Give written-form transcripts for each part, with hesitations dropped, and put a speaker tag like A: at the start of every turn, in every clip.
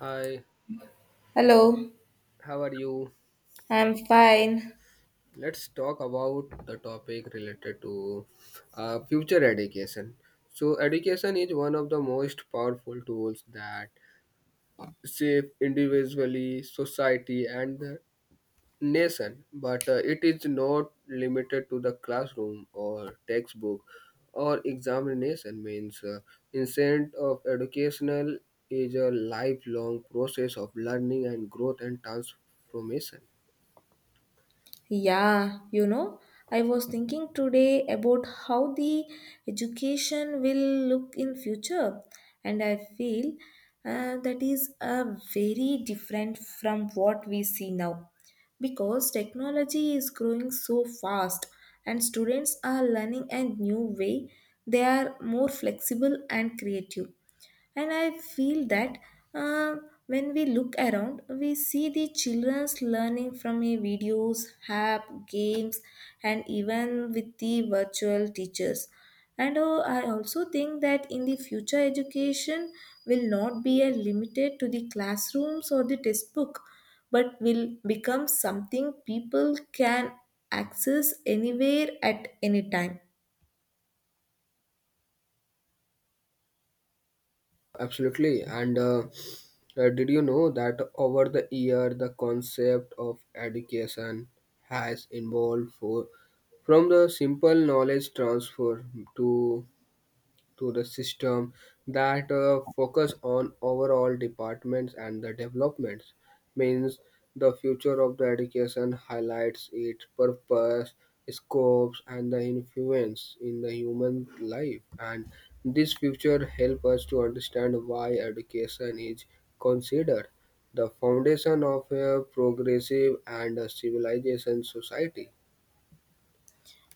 A: Hi,
B: Hello,
A: how are you?
B: I'm fine.
A: Let's talk about the topic related to future education. So, education is one of the most powerful tools that shape individually society and the nation, but it is not limited to the classroom or textbook or examination. Means, instead of educational is a lifelong process of learning and growth and transformation.
B: Yeah, you know, I was thinking today about how the education will look in future, and I feel that is very different from what we see now because technology is growing so fast and students are learning a new way, they are more flexible and creative. And I feel that uh, when we look around, we see the children's learning from a videos, app, games, and even with the virtual teachers. And I also think that in the future, education will not be limited to the classrooms or the textbook, but will become something people can access anywhere at any time.
A: Absolutely. And Did you know that over the year, the concept of education has evolved for, from the simple knowledge transfer to to the system that focus on overall departments and the developments, means the future of the education highlights its purpose, scopes and the influence in the human life, and this future help us to understand why education is considered the foundation of a progressive and a civilization society.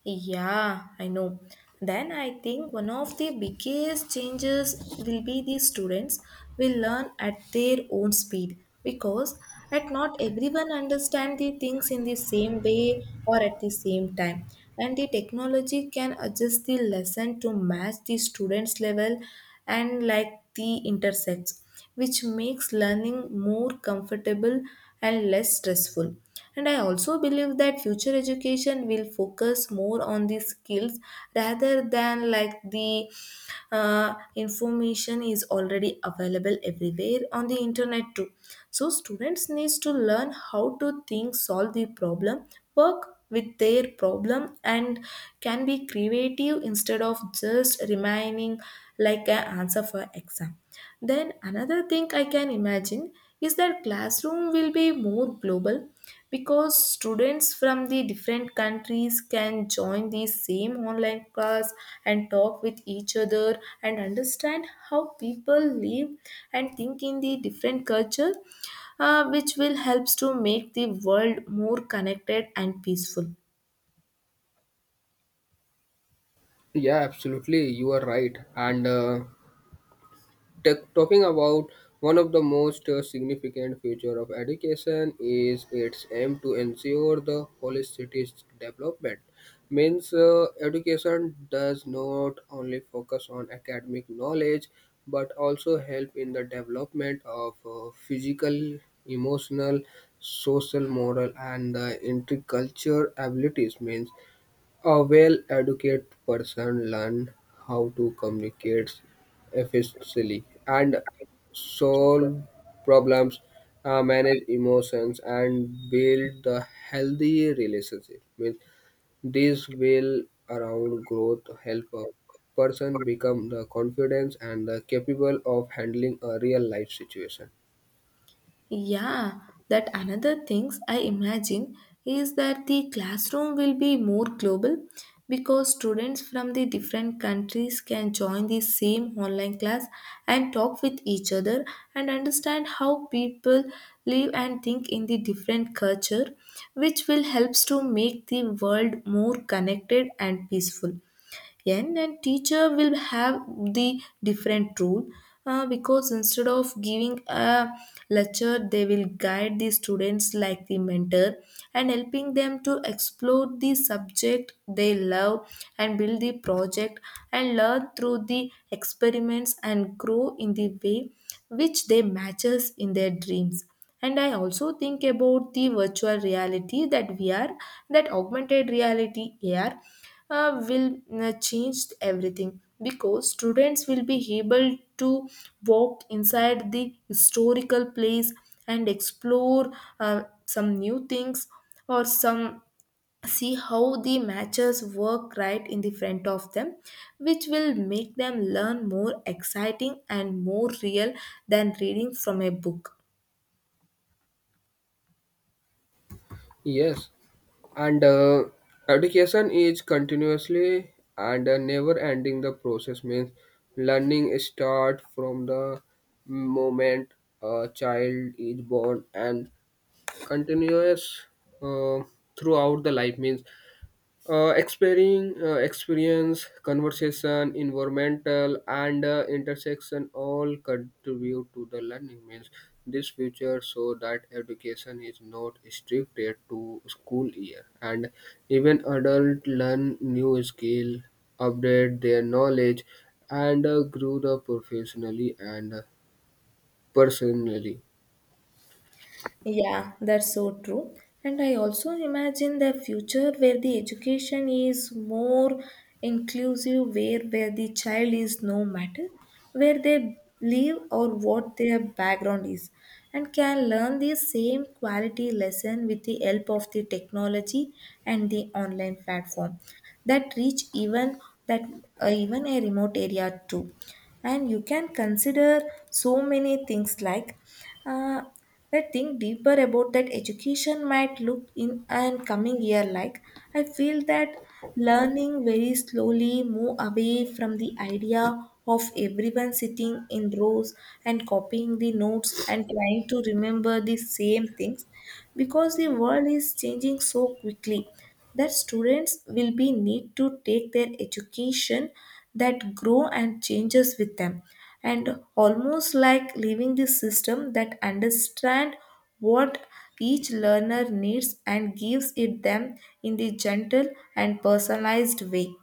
B: Yeah, I know. Then I think one of the biggest changes will be the students will learn at their own speed because at not everyone understand the things in the same way or at the same time and the technology can adjust the lesson to match the students level and like the intersects, which makes learning more comfortable and less stressful. And I also believe that future education will focus more on the skills rather than like the information is already available everywhere on the internet too. So students needs to learn how to think, solve the problem, work with their problem and can be creative instead of just remaining like an answer for exam. Then another thing I can imagine is that classroom will be more global because students from the different countries can join the same online class and talk with each other and understand how people live and think in the different culture, which will helps to make the world more connected and peaceful.
A: Yeah, absolutely, you are right. And talking about one of the most significant feature of education is its aim to ensure the holistic development, means education does not only focus on academic knowledge but also help in the development of physical, emotional, social, moral and intercultural abilities, means a well-educated person learns how to communicate efficiently and solve problems, manage emotions, and build a healthy relationship. Means this will around growth help a person become the confident and the capable of handling a real life situation.
B: Yeah, that another things I imagine is that the classroom will be more global because students from the different countries can join the same online class and talk with each other and understand how people live and think in the different culture, which will helps to make the world more connected and peaceful. Yen and teacher will have the different rule, because instead of giving a lecture they will guide the students like the mentor and helping them to explore the subject they love and build the project and learn through the experiments and grow in the way which they matches in their dreams. And I also think about the virtual reality, that VR, that augmented reality, AR, will change everything because students will be able to walk inside the historical place and explore some new things or some see how the matches work right in the front of them, which will make them learn more exciting and more real than reading from a book.
A: Yes, and education is continuously and never ending the process, means learning start from the moment a child is born and continuous uh, throughout the life, means exploring experience, conversation, environmental, and intersection all contribute to the learning, means this future so that education is not restricted to school year, and even adult learn new skill, update their knowledge, and grow the professionally and personally.
B: Yeah, that's so true. And I also imagine the future where the education is more inclusive, where the child is no matter where they live or what their background is, and can learn the same quality lesson with the help of the technology and the online platform that reach even that even a remote area too. And you can consider so many things like uh, I think deeper about that education might look in and coming year like I feel that learning very slowly move away from the idea of everyone sitting in rows and copying the notes and trying to remember the same things because the world is changing so quickly that students will be need to take their education that grow and changes with them and almost like living the system that understand what each learner needs and gives it them in the gentle and personalized way.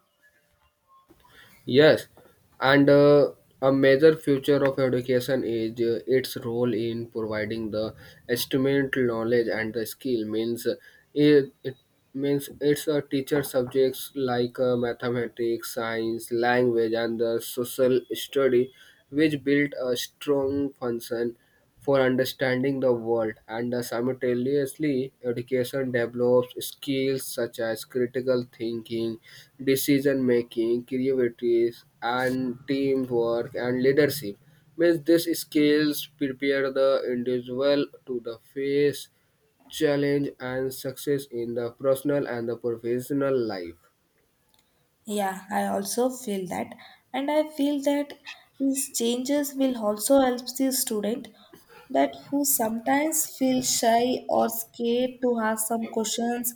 A: Yes, and a major future of education is its role in providing the instrumental knowledge and the skill. Means it means it's a teacher subjects like mathematics, science, language, and the social study, which build a strong function for understanding the world, and simultaneously, education develops skills such as critical thinking, decision making, creativity, and teamwork and leadership. Means these skills prepare the individual to the face challenge and success in the personal and the professional life.
B: Yeah, I also feel that, and I feel that these changes will also help the student that who sometimes feel shy or scared to ask some questions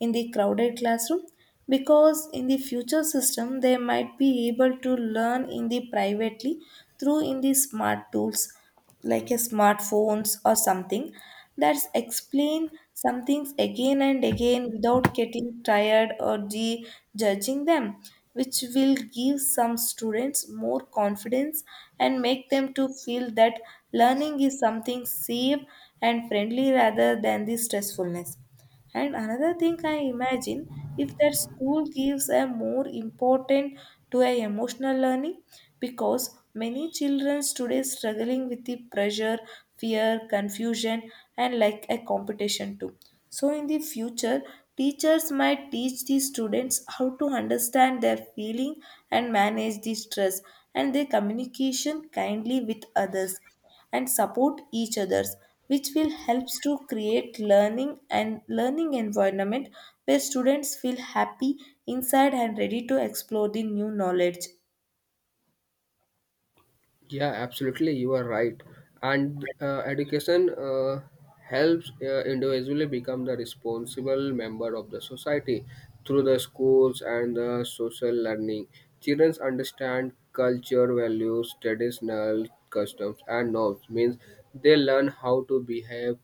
B: in the crowded classroom because in the future system they might be able to learn in the privately through in the smart tools like a smartphones or something that's explain some things again and again without getting tired or judging them, which will give some students more confidence and make them to feel that learning is something safe and friendly rather than the stressfulness. And another thing I imagine if that school gives a more important to a emotional learning because many children today struggling with the pressure, fear, confusion and like a competition too. So in the future teachers might teach the students how to understand their feeling and manage the stress and their communication kindly with others and support each others, which will helps to create learning and learning environment where students feel happy inside and ready to explore the new knowledge.
A: Yeah, absolutely. You are right. And education helps individually become the responsible member of the society through the schools and the social learning. Children understand culture, values, traditional customs, and norms. Means they learn how to behave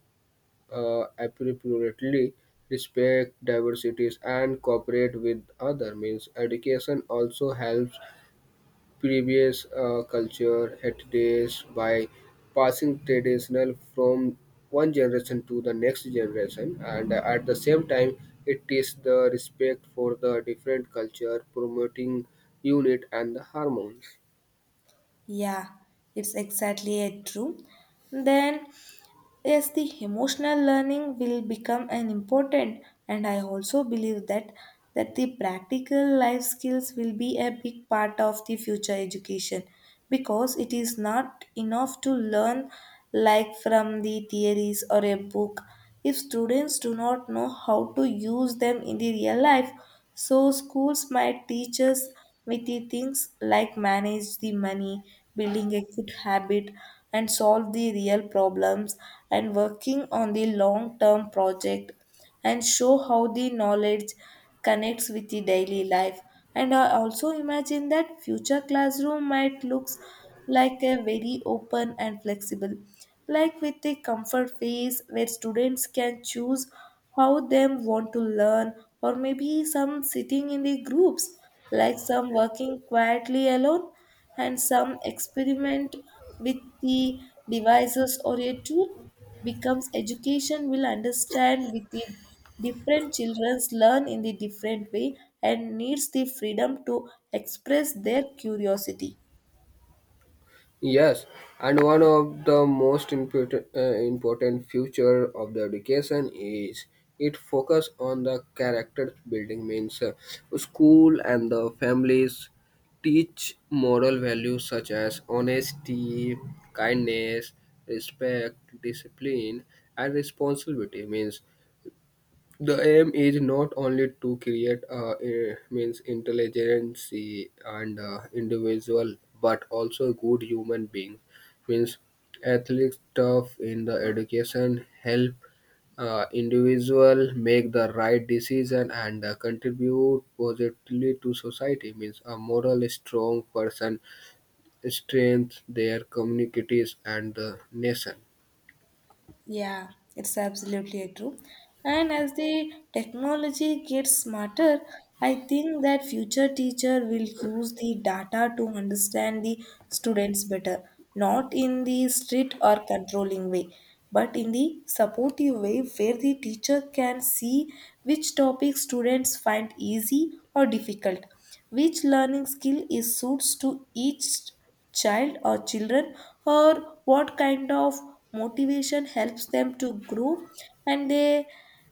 A: appropriately, respect diversities, and cooperate with other. Means education also helps previous culture heritage by passing traditional from one generation to the next generation, and at the same time it is the respect for the different culture promoting unit and the harmony.
B: Yeah, it's exactly it, true. Then, yes, the emotional learning will become an important, and I also believe that the practical life skills will be a big part of the future education because it is not enough to learn like from the theories or a book if students do not know how to use them in the real life. So schools might teach us witty things like manage the money, building a good habit, and solve the real problems, and working on the long-term project, and show how the knowledge connects with the daily life. And I also imagine that future classroom might looks like a very open and flexible, like with the comfort phase where students can choose how them want to learn, or maybe some sitting in the groups like some working quietly alone and some experiment with the devices or a tool becomes education will understand with the different children's learn in the different way and needs the freedom to express their curiosity.
A: Yes, and one of the most important, important future of the education is it focus on the character building, means school and the families teach moral values such as honesty, kindness, respect, discipline, and responsibility, means the aim is not only to create means intelligence and individual, but also good human beings. Means athletic stuff in the education help individual make the right decision and contribute positively to society. Means a moral strong person strengthens their communities and the nation.
B: Yeah, it's absolutely true. And as the technology gets smarter, I think that future teacher will use the data to understand the students better, not in the strict or controlling way, but in the supportive way where the teacher can see which topic students find easy or difficult, which learning skill is suits to each child or children or what kind of motivation helps them to grow and they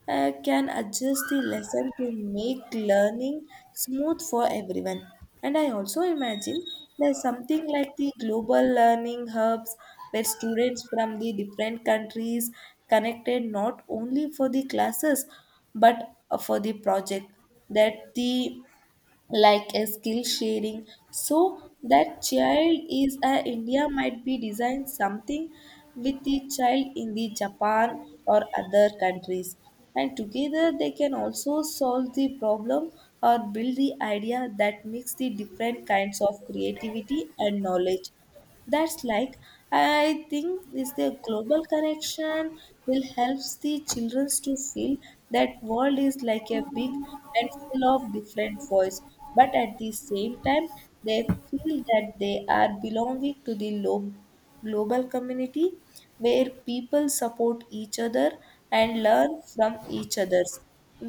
B: can adjust the lesson to make learning smooth for everyone. And I also imagine there's something like the global learning hubs where students from the different countries connected not only for the classes but for the project that the like a skill sharing so that child is a India might be designed something with the child in the Japan or other countries and together they can also solve the problem or build the idea that makes the different kinds of creativity and knowledge. That's like I think is the global connection will helps the children to feel that world is like a big and full of different voice, but at the same time they feel that they are belonging to the global community where people support each other and learn from each others,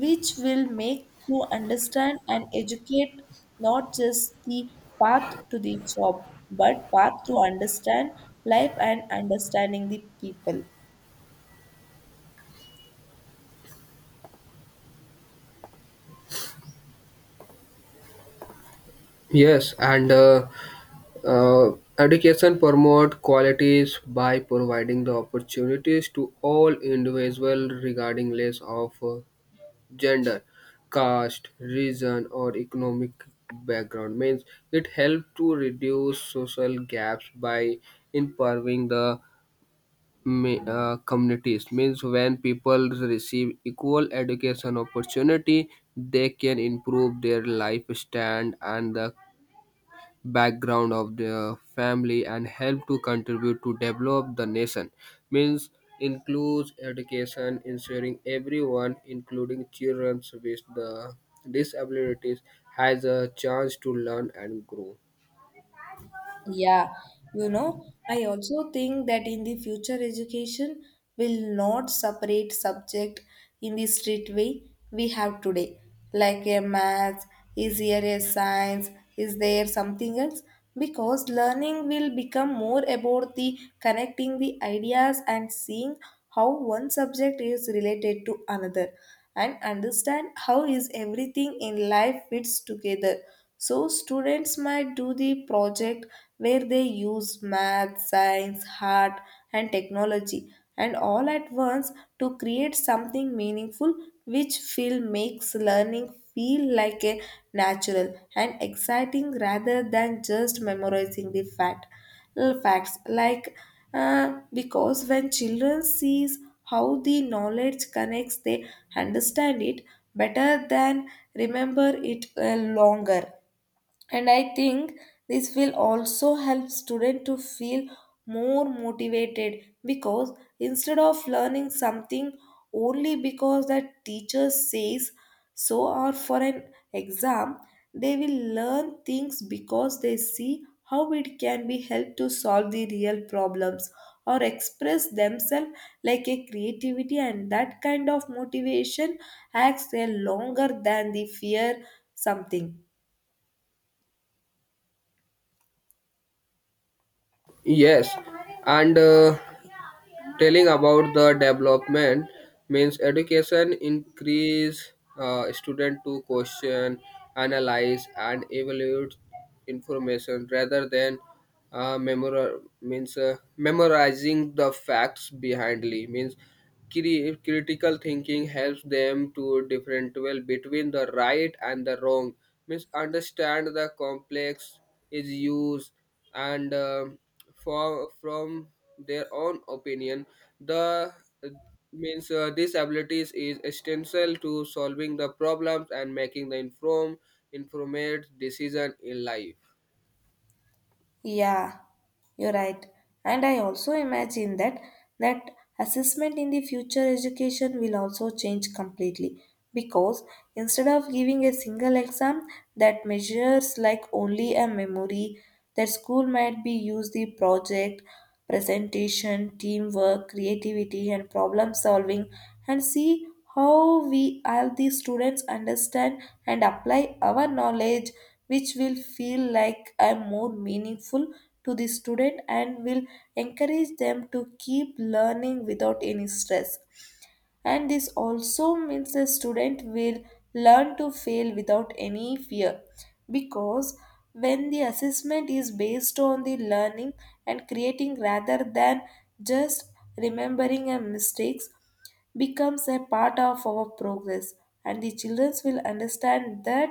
B: which will make to understand and educate not just the path to the job, but path to understand life and understanding the people.
A: Yes, and education promote qualities by providing the opportunities to all individuals regarding less of gender, caste, region, or economic background. Means it helps to reduce social gaps by improving the communities. Means when people receive equal education opportunity, they can improve their life stand and the background of their family and help to contribute to develop the nation, means includes education ensuring everyone including children with the disabilities has a chance to learn and grow.
B: Yeah, you know, I also think that in the future education will not separate subject in the strict way we have today. Like a math, is here a science, is there something else? Because learning will become more about the connecting the ideas and seeing how one subject is related to another and understand how is everything in life fits together, so students might do the project where they use math, science, art and technology and all at once to create something meaningful which feel makes learning feel like a natural and exciting rather than just memorizing the facts like because when children sees how the knowledge connects they understand it better than remember it longer. And I think this will also help students to feel more motivated because instead of learning something only because the teacher says so or for an exam they will learn things because they see how it can be helped to solve the real problems or express themselves like a creativity, and that kind of motivation acts a longer than the fear something.
A: Yes, and telling about the development, means education increase student to question, analyze and evaluate information rather than means memorizing the facts behindly, means critical thinking helps them to differentiate well between the right and the wrong, means understand the complex is used and for from their own opinion the uh, means these abilities is essential to solving the problems and making the informed informed decision in life.
B: Yeah, you're right. And I also imagine that that assessment in the future education will also change completely because instead of giving a single exam that measures like only a memory, that school might be use the project, presentation, teamwork, creativity and problem solving and see how we all the students understand and apply our knowledge, which will feel like I'm more meaningful to the student and will encourage them to keep learning without any stress. And this also means the student will learn to fail without any fear because when the assessment is based on the learning and creating rather than just remembering our mistakes becomes a part of our progress and the children will understand that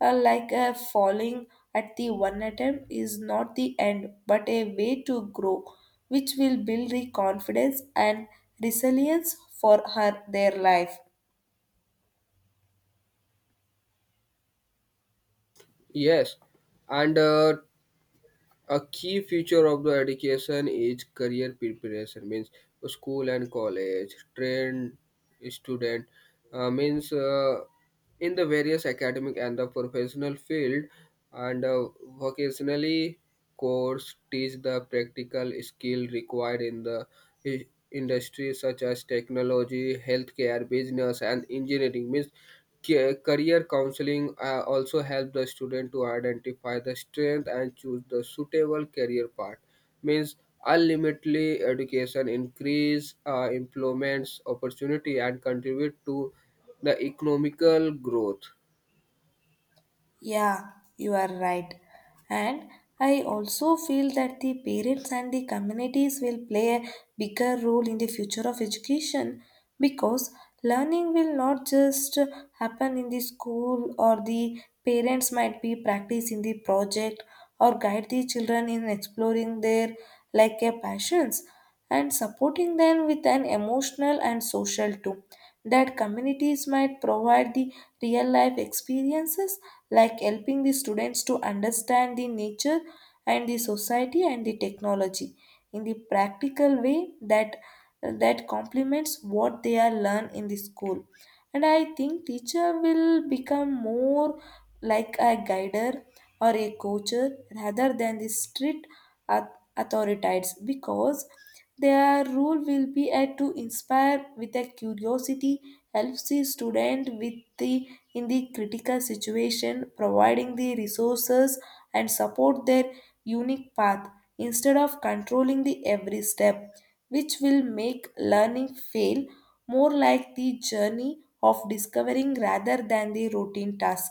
B: like falling at the one attempt is not the end, but a way to grow, which will build the confidence and resilience for her their life.
A: Yes, and a key feature of the education is career preparation, means school and college train student means in the various academic and the professional field, and vocationally course teach the practical skill required in the i- industry such as technology, healthcare, business and engineering, means career counseling also help the student to identify the strength and choose the suitable career path, means ultimately education increase employment opportunity and contribute to the economical growth.
B: Yeah, you are right. And I also feel that the parents and the communities will play a bigger role in the future of education, because learning will not just happen in the school. Or the parents might be practice in the project or guide the children in exploring their like a passions and supporting them with an emotional and social too, that communities might provide the real life experiences like helping the students to understand the nature and the society and the technology in the practical way that complements what they are learned in the school. And I think teacher will become more like a guider or a coacher rather than the strict authorities, because their role will be to inspire with a curiosity, helps the student with the in the critical situation, providing the resources and support their unique path instead of controlling the every step, which will make learning feel more like the journey of discovering rather than the routine task.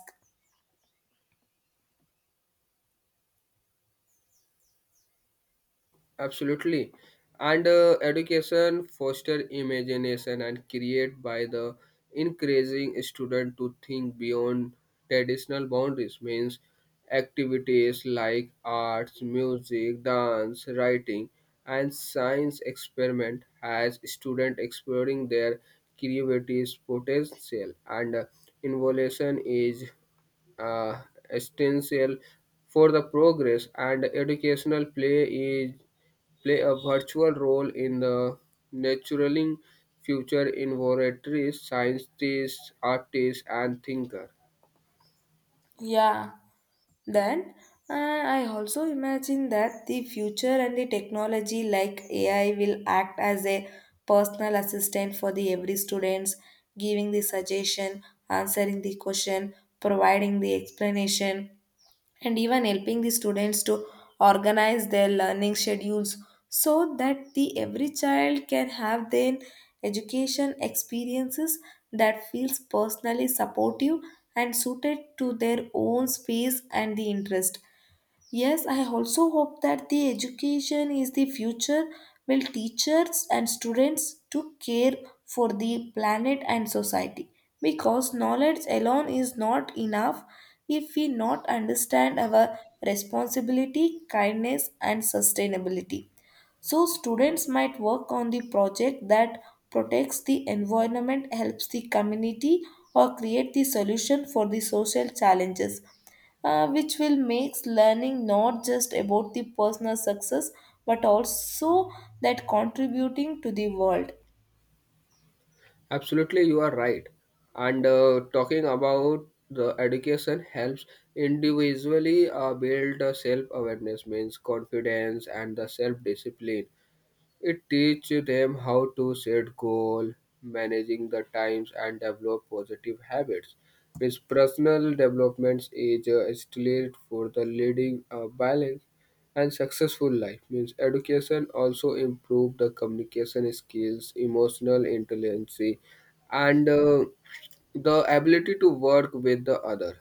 A: Absolutely. And education foster imagination and create by the encouraging student to think beyond traditional boundaries, means activities like arts, music, dance, writing and science experiment has student exploring their creativity potential, and involution is uh, essential for the progress, and educational play is play a virtual role in the nurturing future innovatories, scientists, artists, and thinkers.
B: Then I also imagine that the future and the technology like AI will act as a personal assistant for the every students, giving the suggestion, answering the question, providing the explanation, and even helping the students to organize their learning schedules, so that the every child can have their education experiences that feels personally supportive and suited to their own space and the interest. Yes, I also hope that the education is the future will teachers and students to care for the planet and society, because knowledge alone is not enough if we not understand our responsibility, kindness and sustainability. So students might work on the project that protects the environment, helps the community, or create the solution for the social challenges, which will make learning not just about the personal success, but also that contributing to the world.
A: Absolutely, you are right. And talking about the education helps individually build the self-awareness, means confidence and the self-discipline. It teaches them how to set goals, managing the times, and develop positive habits. With personal development is still for the leading a balanced and successful life. Means education also improve the communication skills, emotional intelligence, and the ability to work with the other.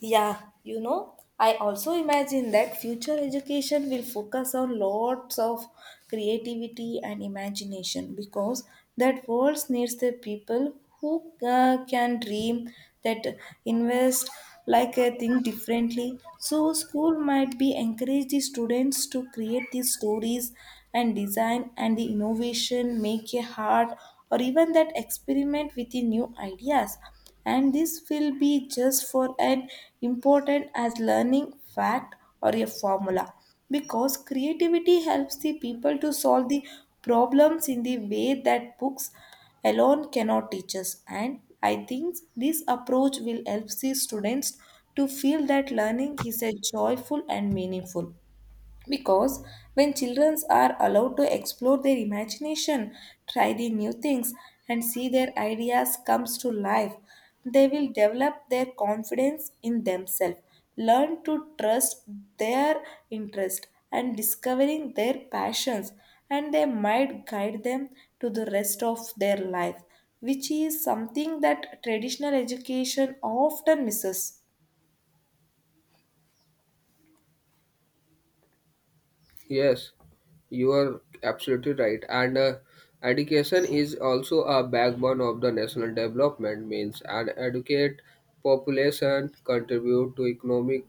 B: Yeah, you know, I also imagine that future education will focus on lots of creativity and imagination, because that world needs the people who can dream, that invest, think differently. So school might be encourage the students to create these stories and design and the innovation, make a heart or even that experiment with the new ideas, and this will be just for an important as learning fact or a formula, because creativity helps the people to solve the problems in the way that books alone cannot teach us. And I think this approach will help the students to feel that learning is a joyful and meaningful, because when children are allowed to explore their imagination, try the new things, and see their ideas comes to life, they will develop their confidence in themselves, learn to trust their interest and discovering their passions, and they might guide them to the rest of their life, which is something that traditional education often misses.
A: Yes, you are absolutely right. And education is also a backbone of the national development, means and educate population contribute to economic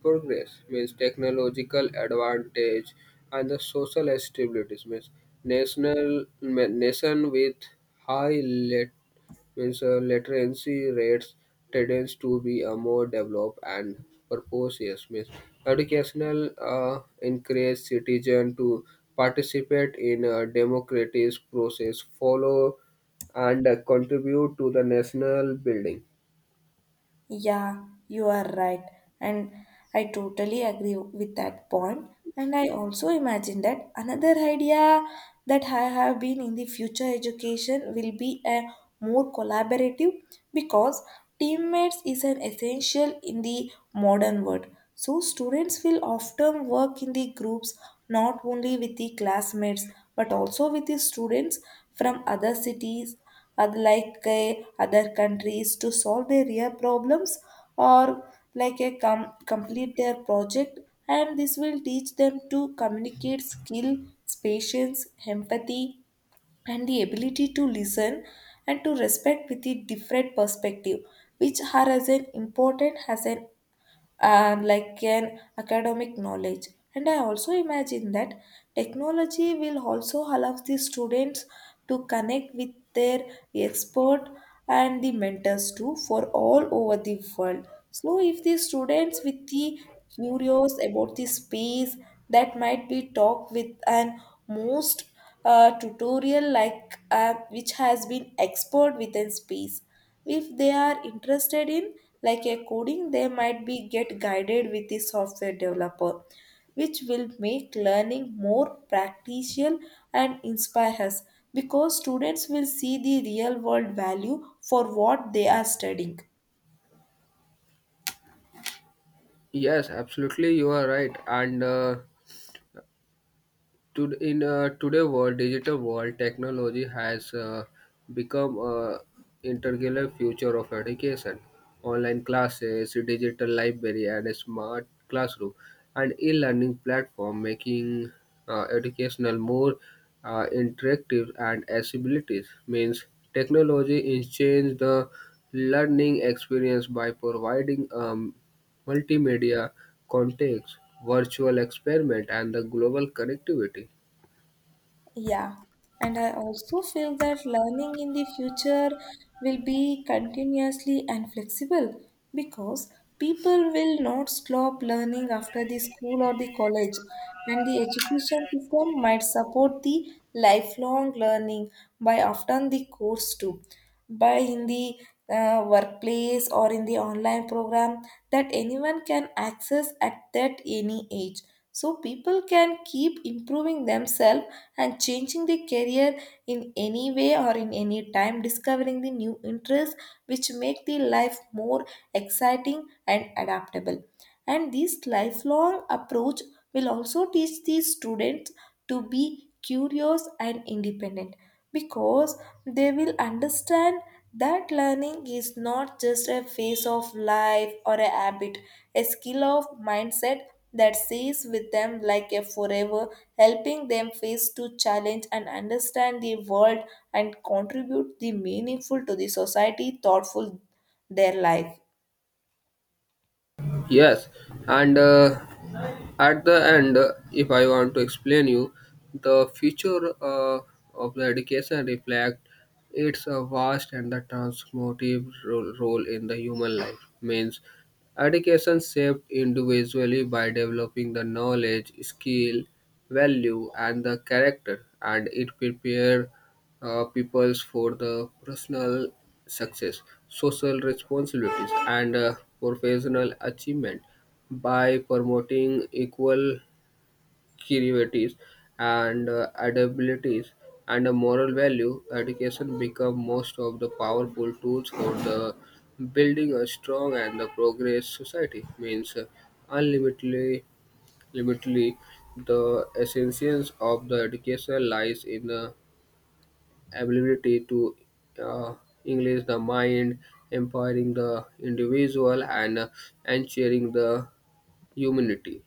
A: progress, means technological advantage and the social stability, means national nation with high, means literacy rates tends to be more developed and purposeless. Means educational encourage citizen to participate in a democratic process, follow and contribute to the national building.
B: Yeah, you are right. And I totally agree with that point. And I also imagine that another idea that I have been in the future education will be a more collaborative, because teammates is an essential in the modern world. So students will often work in the groups, not only with the classmates, but also with the students from other cities, unlike other countries, to solve their real problems or complete their project, and this will teach them to communicate skill, patience, empathy, and the ability to listen and to respect with a different perspective, which are as an important as an and like an academic knowledge. And I also imagine that technology will also allow the students to connect with their expert and the mentors too for all over the world. So if the students with the curious about the space, that might be talked with an most tutorial which has been expert within space. If they are interested in like a coding, they might be get guided with the software developer, which will make learning more practical and inspire us, because students will see the real world value for what they are studying.
A: Yes, absolutely, you are right. And in today world, digital world, technology has become a integral future of education, online classes, digital library and a smart classroom and e-learning platform making educational more interactive and accessibility, means technology is change the learning experience by providing multimedia context, virtual experiment and the global connectivity.
B: Yeah, and I also feel that learning in the future will be continuously and flexible, because people will not stop learning after the school or the college, and the education system might support the lifelong learning by often the course too, by in the workplace or in the online program that anyone can access at that any age. So people can keep improving themselves and changing the career in any way or in any time, discovering the new interests, which make the life more exciting and adaptable. And this lifelong approach will also teach the students to be curious and independent, because they will understand that learning is not just a phase of life or a habit, a skill of mindset that stays with them like a forever, helping them face to challenge and understand the world and contribute the meaningful to the society thoughtful their life.
A: Yes, and at the end, if I want to explain you, the future of the education reflect its a vast and the transformative role in the human life. Means education shaped individually by developing the knowledge, skill, value, and the character, and it prepared peoples for the personal success, social responsibilities, and professional achievement by promoting equal creativities and abilities and a moral value, education become most of the powerful tools for the building a strong and the progress society, means unlimitedly limitedly the essence of the education lies in the ability to uh, english the mind, empowering the individual, and ensuring the humanity.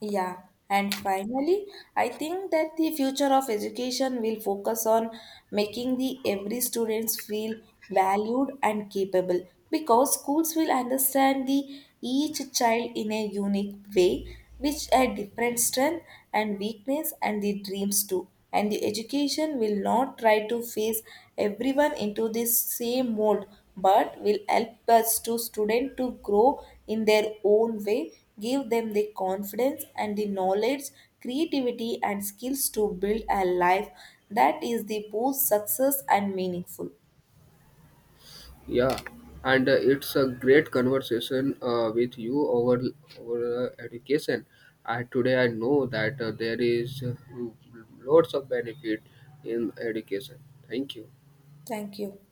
B: Yeah, and finally, I think that the future of education will focus on making the every students feel valued and capable, because schools will understand the each child in a unique way, which a different strength and weakness and the dreams too, and the education will not try to phase everyone into this same mold, but will help us to student to grow in their own way, give them the confidence and the knowledge, creativity and skills to build a life that is the both success and meaningful.
A: Yeah, and It's a great conversation with you over education. I today I know that there is lots of benefit in education. Thank you.
B: Thank you.